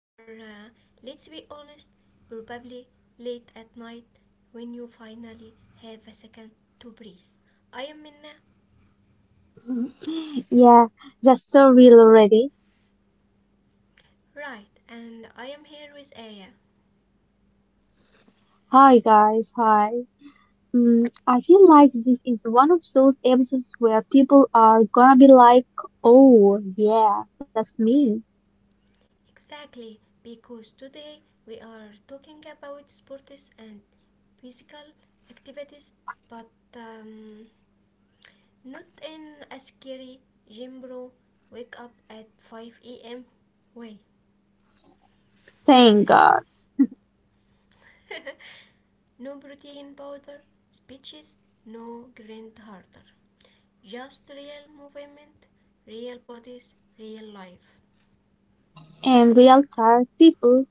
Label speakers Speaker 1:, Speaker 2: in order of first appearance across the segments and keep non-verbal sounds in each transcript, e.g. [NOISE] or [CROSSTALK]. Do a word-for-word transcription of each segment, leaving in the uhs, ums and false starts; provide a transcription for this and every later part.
Speaker 1: or uh, let's be honest, probably late at night when you finally have a second to breathe. I am Minna,
Speaker 2: [LAUGHS] Yeah, that's so real already.
Speaker 1: right, and I am here with Aya.
Speaker 2: Hi guys, hi. Mm, I feel like this is one of those episodes where people are gonna be like, oh yeah, that's me.
Speaker 1: Exactly, because today we are talking about sports and physical activities, but um, not in a scary gym bro wake up at five a m way.
Speaker 2: Thank God.
Speaker 1: [LAUGHS] No protein powder, speeches, no grand harder. Just real movement, real bodies, real life.
Speaker 2: And we real tired people.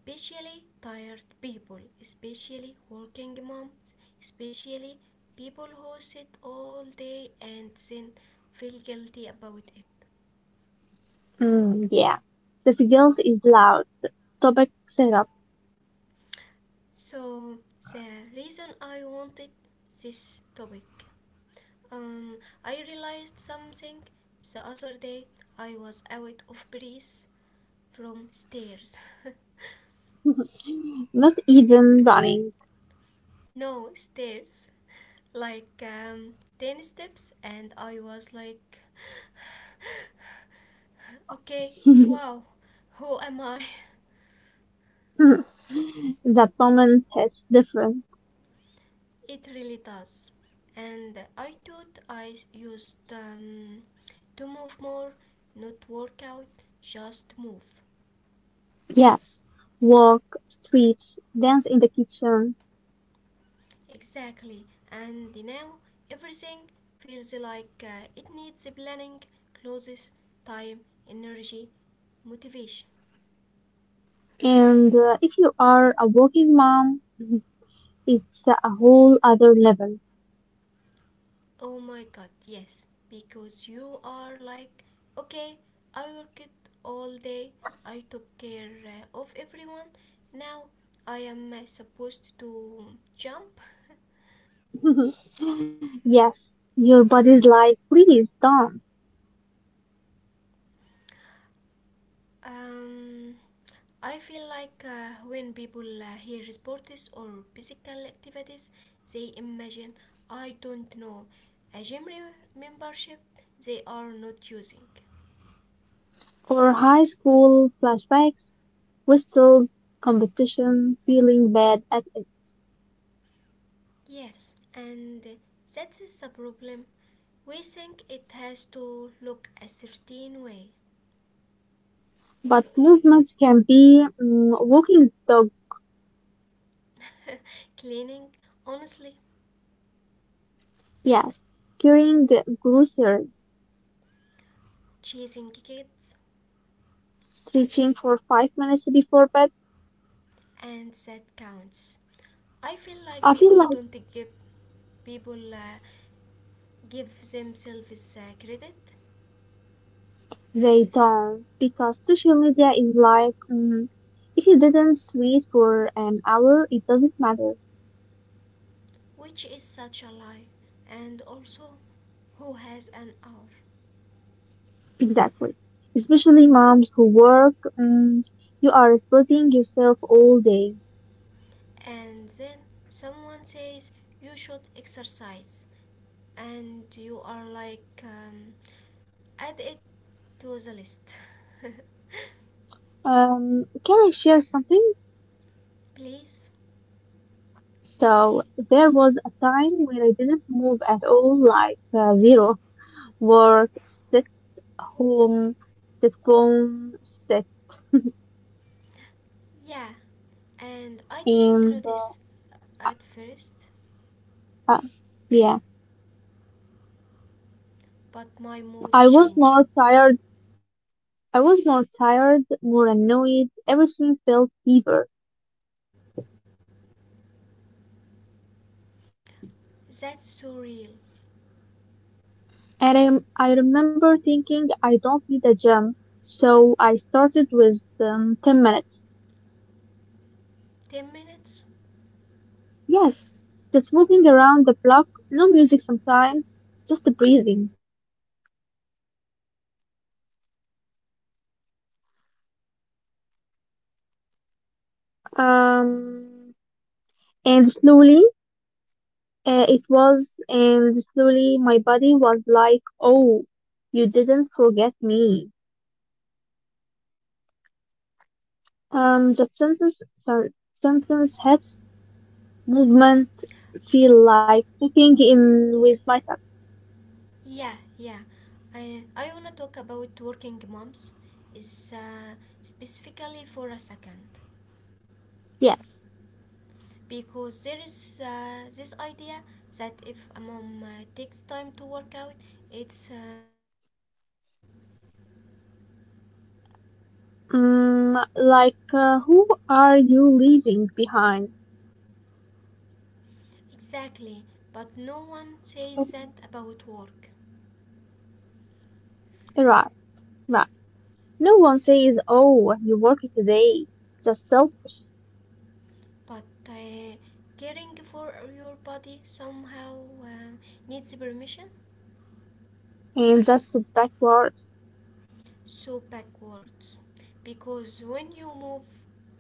Speaker 1: Especially tired people, especially working moms, especially people who sit all day and then feel guilty about it.
Speaker 2: Mm, yeah. The guilt is loud. Topic setup.
Speaker 1: So, the reason I wanted this topic. Um, I realized something the other day. I was out of breath from stairs.
Speaker 2: [LAUGHS] Not even running.
Speaker 1: [LAUGHS] No, stairs. Like um, ten steps, and I was like, okay, wow, who am I? [LAUGHS]
Speaker 2: [LAUGHS] That moment is different.
Speaker 1: It really does. And I thought I used um, to move more, not work out, just move.
Speaker 2: Yes. Walk, street, dance in the kitchen.
Speaker 1: Exactly, and now everything feels like uh, it needs planning, clothes, time, energy, motivation.
Speaker 2: And uh, if you are a working mom, [LAUGHS] it's a whole other level.
Speaker 1: Oh my god, yes, because you are like, okay, I worked all day, I took care uh, of everyone, now I am uh, supposed to jump.
Speaker 2: [LAUGHS] Yes, your body's like, please don't.
Speaker 1: Um, I feel like uh, when people uh, hear sports or physical activities, they imagine, I don't know, a gym re- membership they are not using.
Speaker 2: For high school flashbacks, whistles, competition, feeling bad at it.
Speaker 1: Yes, and that is the problem. We think it has to look a certain way.
Speaker 2: But movement can be mm, walking the dog,
Speaker 1: Cleaning, honestly,
Speaker 2: yes, carrying the groceries,
Speaker 1: chasing kids,
Speaker 2: stretching for five minutes before bed.
Speaker 1: and that counts. I feel
Speaker 2: I
Speaker 1: like
Speaker 2: feel
Speaker 1: people
Speaker 2: like.
Speaker 1: don't give people uh, give themselves uh, credit.
Speaker 2: They don't because social media is like mm, if you didn't tweet for an hour, it doesn't matter.
Speaker 1: Which is such a lie, and also who has an hour.
Speaker 2: Exactly. Especially moms who work, mm, you are splitting yourself all day.
Speaker 1: And then someone says you should exercise, and you are like, um, add it to the list. [LAUGHS]
Speaker 2: Um, can I share something?
Speaker 1: Please.
Speaker 2: So there was a time when I didn't move at all, like uh, zero work, sit home, sit phone, sit
Speaker 1: Yeah, and I didn't
Speaker 2: in.
Speaker 1: notice
Speaker 2: Uh,
Speaker 1: at first,
Speaker 2: uh, yeah,
Speaker 1: but my mood
Speaker 2: I was
Speaker 1: changed.
Speaker 2: more tired I
Speaker 1: Hmm,
Speaker 2: was more tired, more annoyed, everything felt heavier.
Speaker 1: that's so real.
Speaker 2: And I, I remember thinking I don't need a gym, so I started with um, 10 minutes.
Speaker 1: ten minutes.
Speaker 2: Yes, just walking around the block, no music sometimes, just the breathing. Um, and slowly uh, it was, and slowly my body was like, oh, you didn't forget me. Um, that sentence, sen- sentence hits movement feel like checking in with myself.
Speaker 1: Yeah, yeah. I, I want to talk about working moms is uh, specifically for a second
Speaker 2: Yes.
Speaker 1: because there is uh, this idea that if a mom uh, takes time to work out, it's um, selfish.
Speaker 2: Mm, like, uh, who are you leaving behind?
Speaker 1: Exactly, but no one says
Speaker 2: Okay.
Speaker 1: that about work.
Speaker 2: Right, right. No one says, oh, you work today. That's selfish,
Speaker 1: But uh, caring for your body somehow uh, needs permission.
Speaker 2: and that's backwards.
Speaker 1: So backwards, because when you move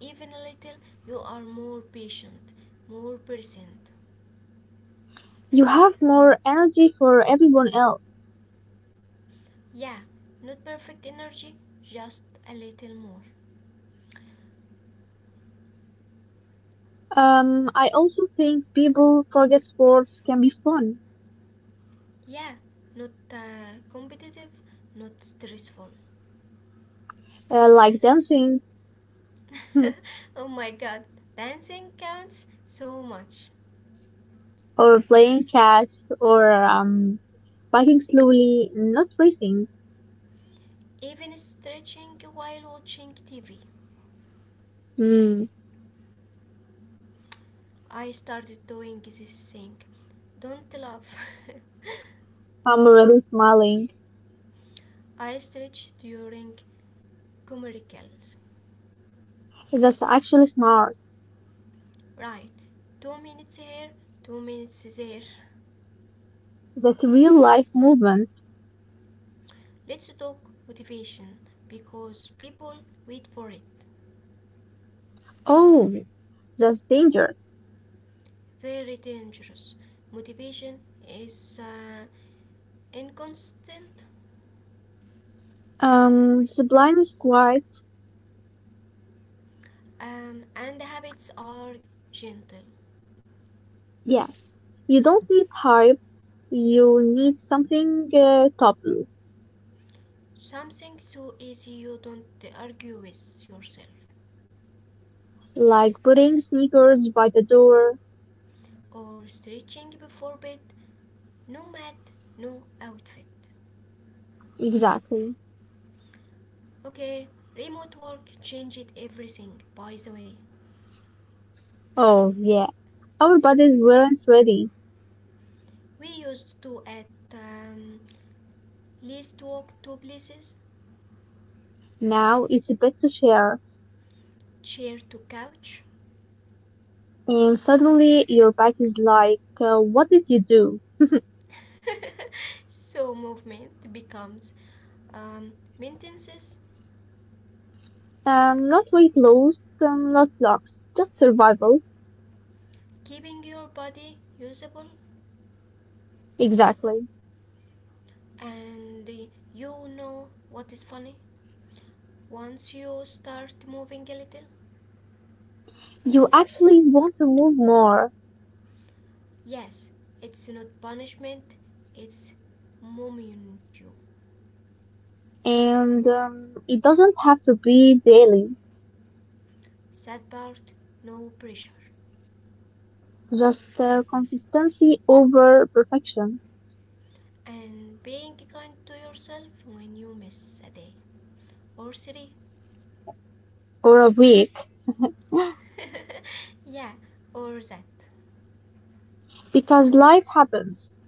Speaker 1: even a little you are more patient, more present.
Speaker 2: You have more energy for everyone else.
Speaker 1: Yeah, not perfect energy, just a little more.
Speaker 2: Um, I also think people forget sports can be fun,
Speaker 1: Yeah, not uh, competitive, not stressful.
Speaker 2: uh, like dancing. [LAUGHS]
Speaker 1: [LAUGHS] Oh my god, dancing counts so much.
Speaker 2: Or playing catch or um, biking slowly, not racing.
Speaker 1: Even stretching while watching tv,
Speaker 2: Mm,
Speaker 1: I started doing this thing, don't laugh. [LAUGHS]
Speaker 2: I'm already smiling.
Speaker 1: I stretch during commercials.
Speaker 2: That's actually smart.
Speaker 1: Right. Two minutes here, two minutes there.
Speaker 2: That's real life movement.
Speaker 1: Let's talk motivation because people wait for it.
Speaker 2: Oh, that's dangerous.
Speaker 1: Very dangerous. Motivation is uh, inconstant,
Speaker 2: Um, sublime is quite.
Speaker 1: um, and habits are gentle.
Speaker 2: Yes. You don't need hype. You need something uh, toppy,
Speaker 1: Something so easy you don't argue with yourself.
Speaker 2: like putting sneakers by the door.
Speaker 1: Or stretching before bed, no mat, no outfit.
Speaker 2: Exactly.
Speaker 1: Okay, remote work changed everything, by the way.
Speaker 2: Oh, yeah. Our bodies weren't ready.
Speaker 1: We used to at um, least walk two places,
Speaker 2: Now it's a bit to share.
Speaker 1: chair to couch.
Speaker 2: And suddenly your back is like, uh, what did you do?
Speaker 1: [LAUGHS] So movement becomes um, maintenance,
Speaker 2: Um, not weight loss, um, not locks, just survival.
Speaker 1: keeping your body usable,
Speaker 2: Exactly.
Speaker 1: and you know what is funny. Once you start moving a little,
Speaker 2: You actually want to move more,
Speaker 1: yes, it's not punishment, it's moment you.
Speaker 2: and um, it doesn't have to be daily,
Speaker 1: Sad part, no pressure,
Speaker 2: just uh, consistency over perfection
Speaker 1: and being kind to yourself when you miss a day or three.
Speaker 2: or a week,
Speaker 1: [LAUGHS] Yeah, or that.
Speaker 2: because life happens,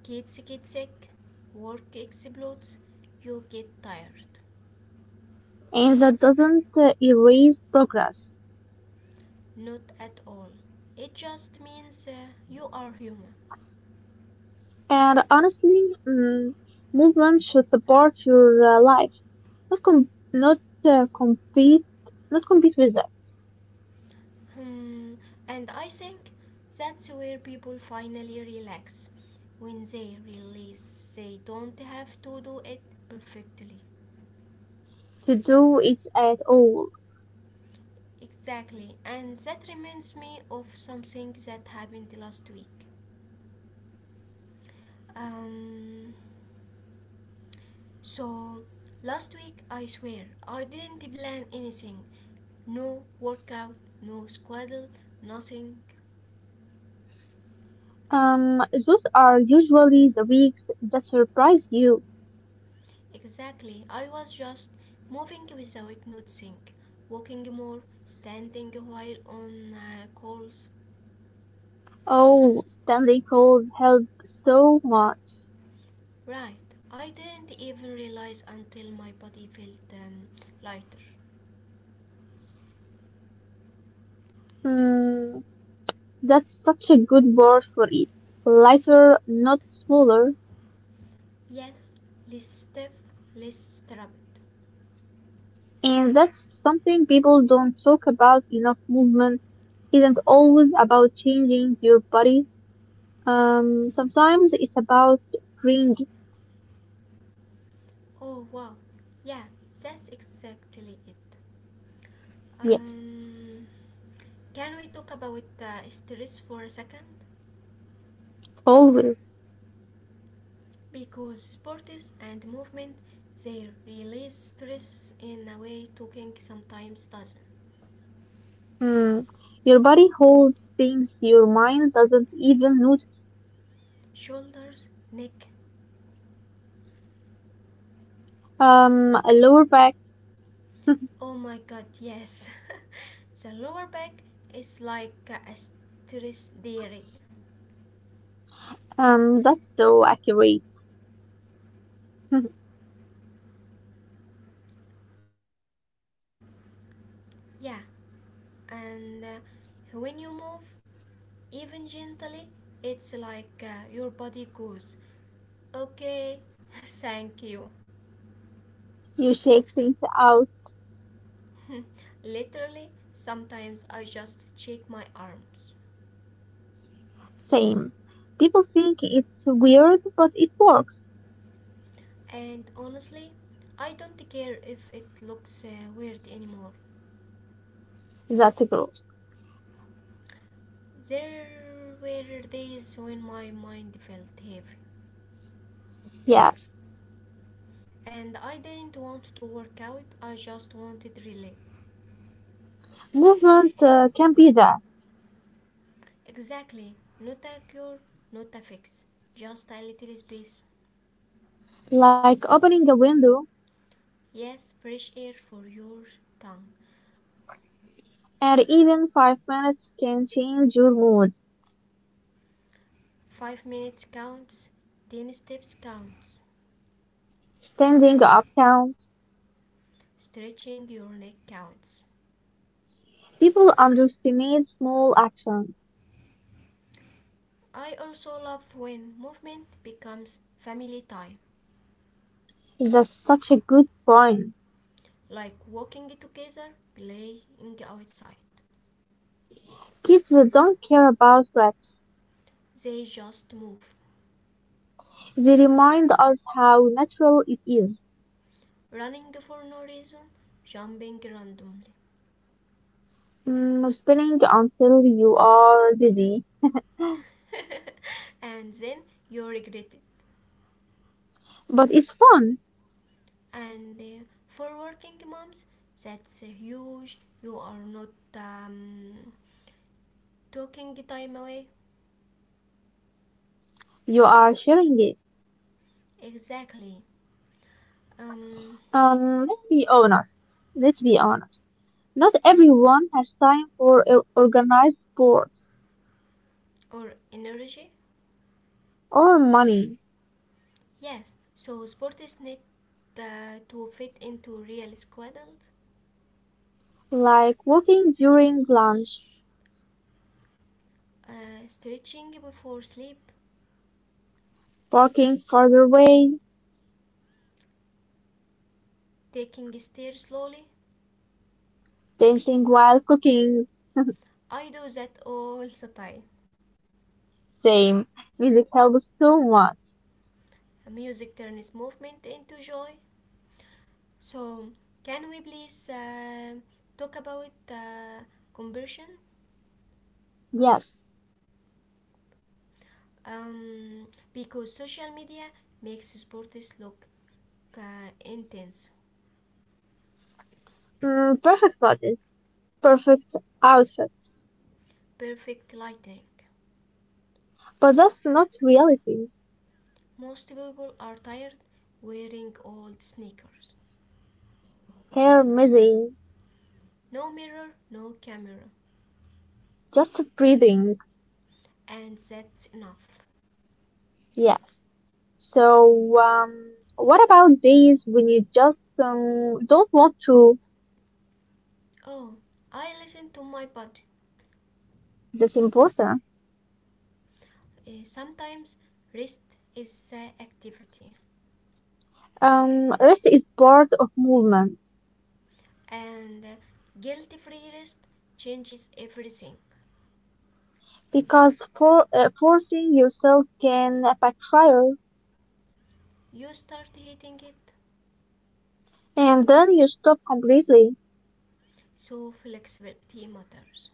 Speaker 1: Kids get sick, work explodes, you get tired.
Speaker 2: and that doesn't uh, erase progress.
Speaker 1: Not at all. It just means uh, you are human.
Speaker 2: And honestly, mm, movement should support your uh, life, not com- not uh, compete, not compete with it
Speaker 1: Hmm, and I think that's where people finally relax. When they realize they don't have to do it perfectly.
Speaker 2: to do it at all.
Speaker 1: Exactly, and that reminds me of something that happened last week. Um, So, Last week, I swear, I didn't plan anything. No workout, no squaddle, nothing.
Speaker 2: Um, those are usually the weeks that surprise you.
Speaker 1: Exactly, I was just moving without noticing, walking more, standing while on uh, calls.
Speaker 2: Oh, Stanley calls help so much.
Speaker 1: Right, I didn't even realize until my body felt um, lighter.
Speaker 2: Mm, that's such a good word for it. Lighter, not smaller.
Speaker 1: Yes, less stiff, less strapped.
Speaker 2: And that's something people don't talk about enough. Movement isn't always about changing your body. Um, sometimes it's about freeing.
Speaker 1: Oh wow, yeah, that's exactly it.
Speaker 2: Yes,
Speaker 1: Um, can we talk about uh, stress for a second?
Speaker 2: always.
Speaker 1: Because sports and movement, they release stress in a way talking sometimes doesn't.
Speaker 2: Mm, your body holds things your mind doesn't even notice.
Speaker 1: Shoulders, neck.
Speaker 2: Um, a lower back. [LAUGHS]
Speaker 1: Oh my god, yes. [LAUGHS] The lower back is like a stress dairy.
Speaker 2: Um, that's so accurate. [LAUGHS]
Speaker 1: Yeah, and uh, when you move even gently it's like uh, your body goes okay. [LAUGHS] Thank you.
Speaker 2: You shake things out.
Speaker 1: [LAUGHS] Literally sometimes I just shake my arms,
Speaker 2: Same. People think it's weird, but it works.
Speaker 1: and honestly I don't care if it looks uh, weird anymore.
Speaker 2: That's a growth.
Speaker 1: There were days when my mind felt heavy
Speaker 2: Yes.
Speaker 1: and I didn't want to work out, I just wanted relief.
Speaker 2: Movement uh, can be that,
Speaker 1: Exactly. Not a cure, not a fix. Just a little space.
Speaker 2: like opening a window,
Speaker 1: Yes, fresh air for your tongue.
Speaker 2: and even five minutes can change your mood.
Speaker 1: Five minutes counts. Ten steps counts.
Speaker 2: Standing up counts.
Speaker 1: Stretching your neck counts.
Speaker 2: People underestimate small actions.
Speaker 1: I also love when movement becomes family time,
Speaker 2: That's such a good point.
Speaker 1: like walking together, playing outside.
Speaker 2: Kids don't care about reps.
Speaker 1: They just move,
Speaker 2: They remind us how natural it is.
Speaker 1: running for no reason, jumping randomly,
Speaker 2: Mm, spinning until you are dizzy,
Speaker 1: [LAUGHS] and then you regret it.
Speaker 2: but it's fun.
Speaker 1: And uh, for working moms that's uh, huge, you are not um, taking time away.
Speaker 2: You are sharing it.
Speaker 1: Exactly. um,
Speaker 2: Um, let's be honest. Let's be honest. Not
Speaker 1: mm,
Speaker 2: everyone has time for o- organized sports
Speaker 1: or energy,
Speaker 2: or money,
Speaker 1: yes, so sport is need uh, to fit into real schedules,
Speaker 2: like walking during lunch,
Speaker 1: uh, stretching before sleep,
Speaker 2: parking farther away,
Speaker 1: taking stairs slowly,
Speaker 2: dancing while cooking. [LAUGHS]
Speaker 1: I do that all the time.
Speaker 2: Same. Music helps so much.
Speaker 1: Music turns movement into joy. So can we please uh, talk about uh, conversion.
Speaker 2: Yes.
Speaker 1: Um, because social media makes sports look uh, intense,
Speaker 2: Mm, perfect bodies, perfect outfits.
Speaker 1: perfect lighting.
Speaker 2: But that's not reality.
Speaker 1: Most people are tired wearing old sneakers.
Speaker 2: Hair messy.
Speaker 1: No mirror, no camera,
Speaker 2: Just breathing,
Speaker 1: and that's enough.
Speaker 2: yes. So, um, what about days when you just um, don't want to?
Speaker 1: Oh, I listen to my body.
Speaker 2: That's important.
Speaker 1: Uh, sometimes rest is the activity,
Speaker 2: Um, rest is part of movement,
Speaker 1: and guilt free rest changes everything.
Speaker 2: because for uh, forcing yourself can backfire,
Speaker 1: You start hating it,
Speaker 2: and then you stop completely.
Speaker 1: so flexibility matters.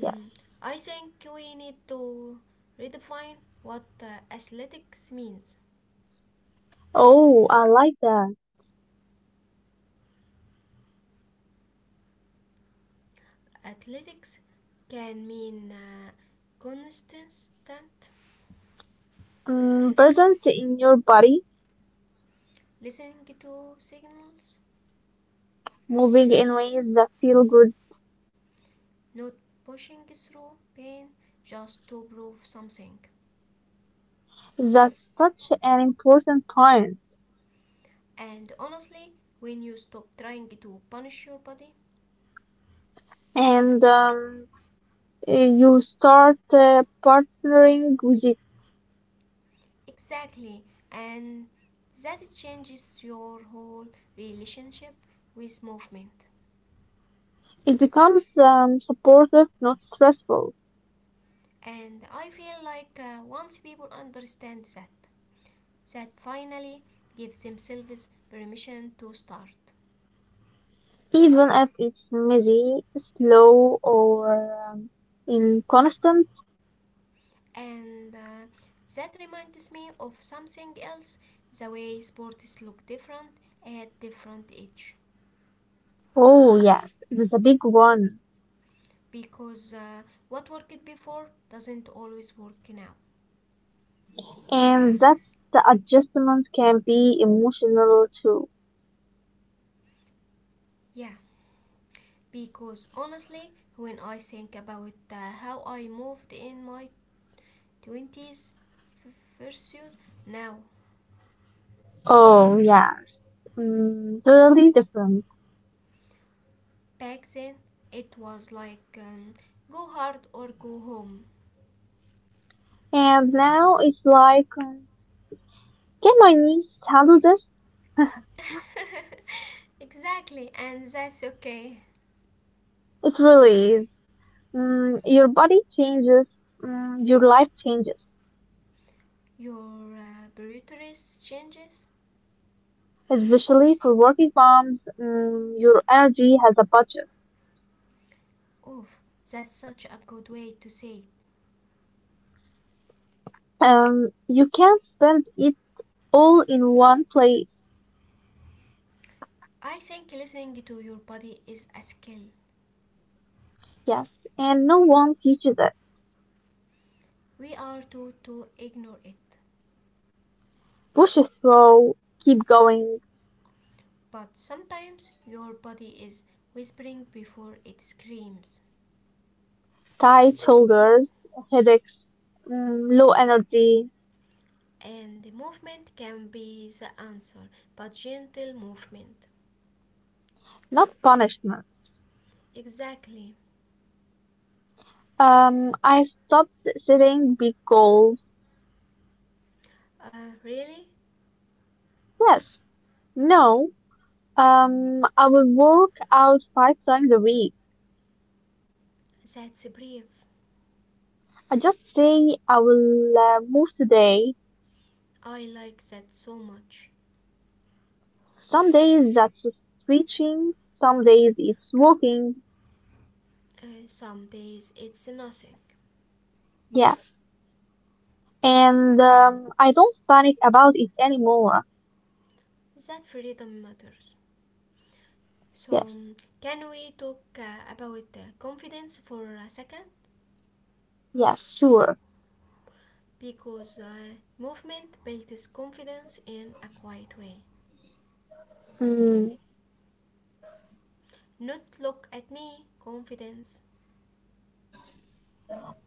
Speaker 2: Yes.
Speaker 1: I think we need to redefine what uh, athletics means.
Speaker 2: Oh, I like that.
Speaker 1: Athletics can mean uh, constant
Speaker 2: Um, present in your body,
Speaker 1: listening to signals,
Speaker 2: moving in ways that feel good.
Speaker 1: not pushing through pain just to prove something.
Speaker 2: That's such an important point.
Speaker 1: And honestly, when you stop trying to punish your body,
Speaker 2: And um, uh, you start uh, partnering with it.
Speaker 1: exactly, and that changes your whole relationship with movement.
Speaker 2: It becomes um, supportive, not stressful,
Speaker 1: And I feel like uh, once people understand that, that finally gives themselves permission to start.
Speaker 2: even if it's messy, slow, or um, inconstant.
Speaker 1: And uh, that reminds me of something else, the way sports look different at different age.
Speaker 2: Oh, yes, it's a big one.
Speaker 1: Because uh, what worked before doesn't always work now.
Speaker 2: And that's the adjustment can be emotional too.
Speaker 1: Yeah, because honestly, when I think about uh, how I moved in my twenties versus now.
Speaker 2: Oh, yes, mm, totally different.
Speaker 1: Back then, it was like um, go hard or go home.
Speaker 2: And now it's like, um, can my niece handle this?
Speaker 1: Exactly, and that's okay.
Speaker 2: It really is. Mm, your body changes, mm, your life changes.
Speaker 1: Your uh, priorities changes.
Speaker 2: Especially for working moms, mm, your energy has a budget.
Speaker 1: Oof, that's such a good way to say it.
Speaker 2: Um, you can't spend it all in one place.
Speaker 1: I think listening to your body is a skill.
Speaker 2: Yes, and no one teaches it.
Speaker 1: We are taught to ignore it,
Speaker 2: Push it through, keep going.
Speaker 1: but sometimes your body is whispering before it screams.
Speaker 2: Tight shoulders, headaches, mm, low energy,
Speaker 1: And the movement can be the answer, but gentle movement.
Speaker 2: not punishment.
Speaker 1: Exactly.
Speaker 2: Um, I stopped setting big goals.
Speaker 1: Uh, really?
Speaker 2: Yes, no. Um, I will work out five times a week.
Speaker 1: That's brief.
Speaker 2: I just say I will uh, move today.
Speaker 1: I like that so much.
Speaker 2: Some days that's stretching, some days it's walking.
Speaker 1: Uh, some days it's nothing.
Speaker 2: Yes. And um, I don't panic about it anymore.
Speaker 1: That freedom matters. So,
Speaker 2: Yes.
Speaker 1: um, can we talk uh, about uh, confidence for a second?
Speaker 2: Yes, sure.
Speaker 1: Because uh, movement builds confidence in a quiet way.
Speaker 2: Mm.
Speaker 1: Not look at me, confidence.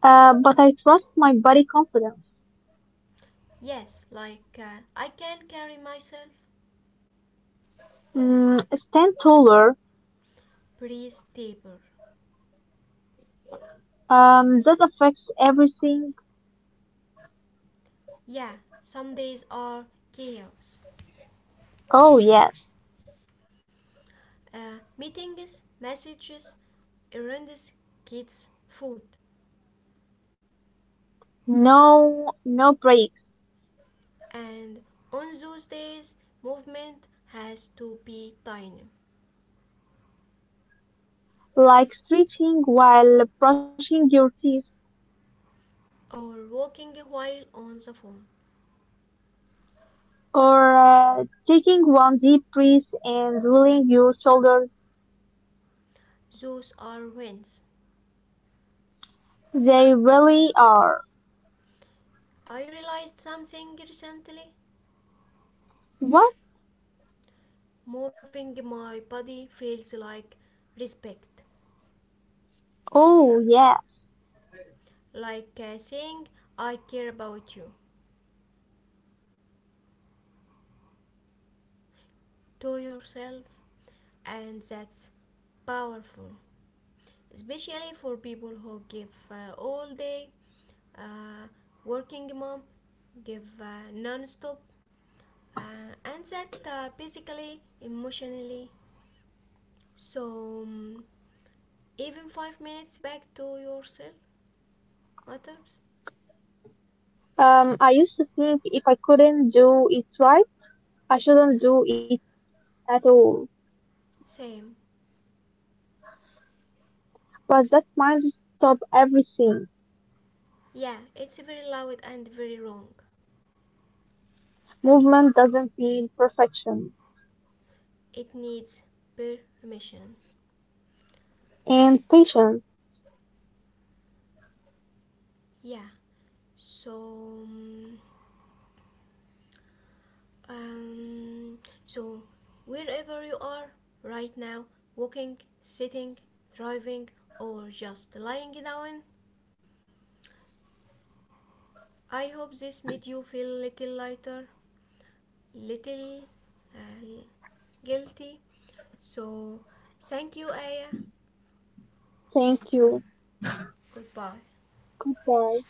Speaker 2: Uh, but I trust my body confidence.
Speaker 1: Yes, like uh, I can carry myself.
Speaker 2: Mm, stand taller.
Speaker 1: Breathe deeper.
Speaker 2: Um, that affects everything.
Speaker 1: Yeah, some days are chaos.
Speaker 2: Oh, yes.
Speaker 1: Uh, meetings, messages, horrendous kids' food,
Speaker 2: No, no breaks.
Speaker 1: and on those days, movement has to be tiny,
Speaker 2: Like stretching while brushing your teeth
Speaker 1: or walking a while on the phone.
Speaker 2: or uh, taking one deep breath and rolling your shoulders.
Speaker 1: Those are wins.
Speaker 2: They really are.
Speaker 1: I realized something recently.
Speaker 2: What?
Speaker 1: Moving my body feels like respect,
Speaker 2: Oh, yes.
Speaker 1: like uh, saying, I care about you to yourself, and that's powerful, especially for people who give uh, all day, uh, working mom, give uh, non-stop, uh, and that uh, physically, emotionally. So um, even five minutes back to yourself matters.
Speaker 2: Um, I used to think if I couldn't do it right, I shouldn't do it at all.
Speaker 1: Same.
Speaker 2: But that mindset stopped everything.
Speaker 1: Yeah, it's very loud and very wrong.
Speaker 2: Movement doesn't need perfection.
Speaker 1: It needs permission.
Speaker 2: And patience.
Speaker 1: Yeah. So um, um, so wherever you are right now, walking, sitting, driving, or just lying down, I hope this made you feel little lighter, little uh, guilty. So, thank you, Aya.
Speaker 2: Thank you.
Speaker 1: Goodbye.
Speaker 2: Goodbye.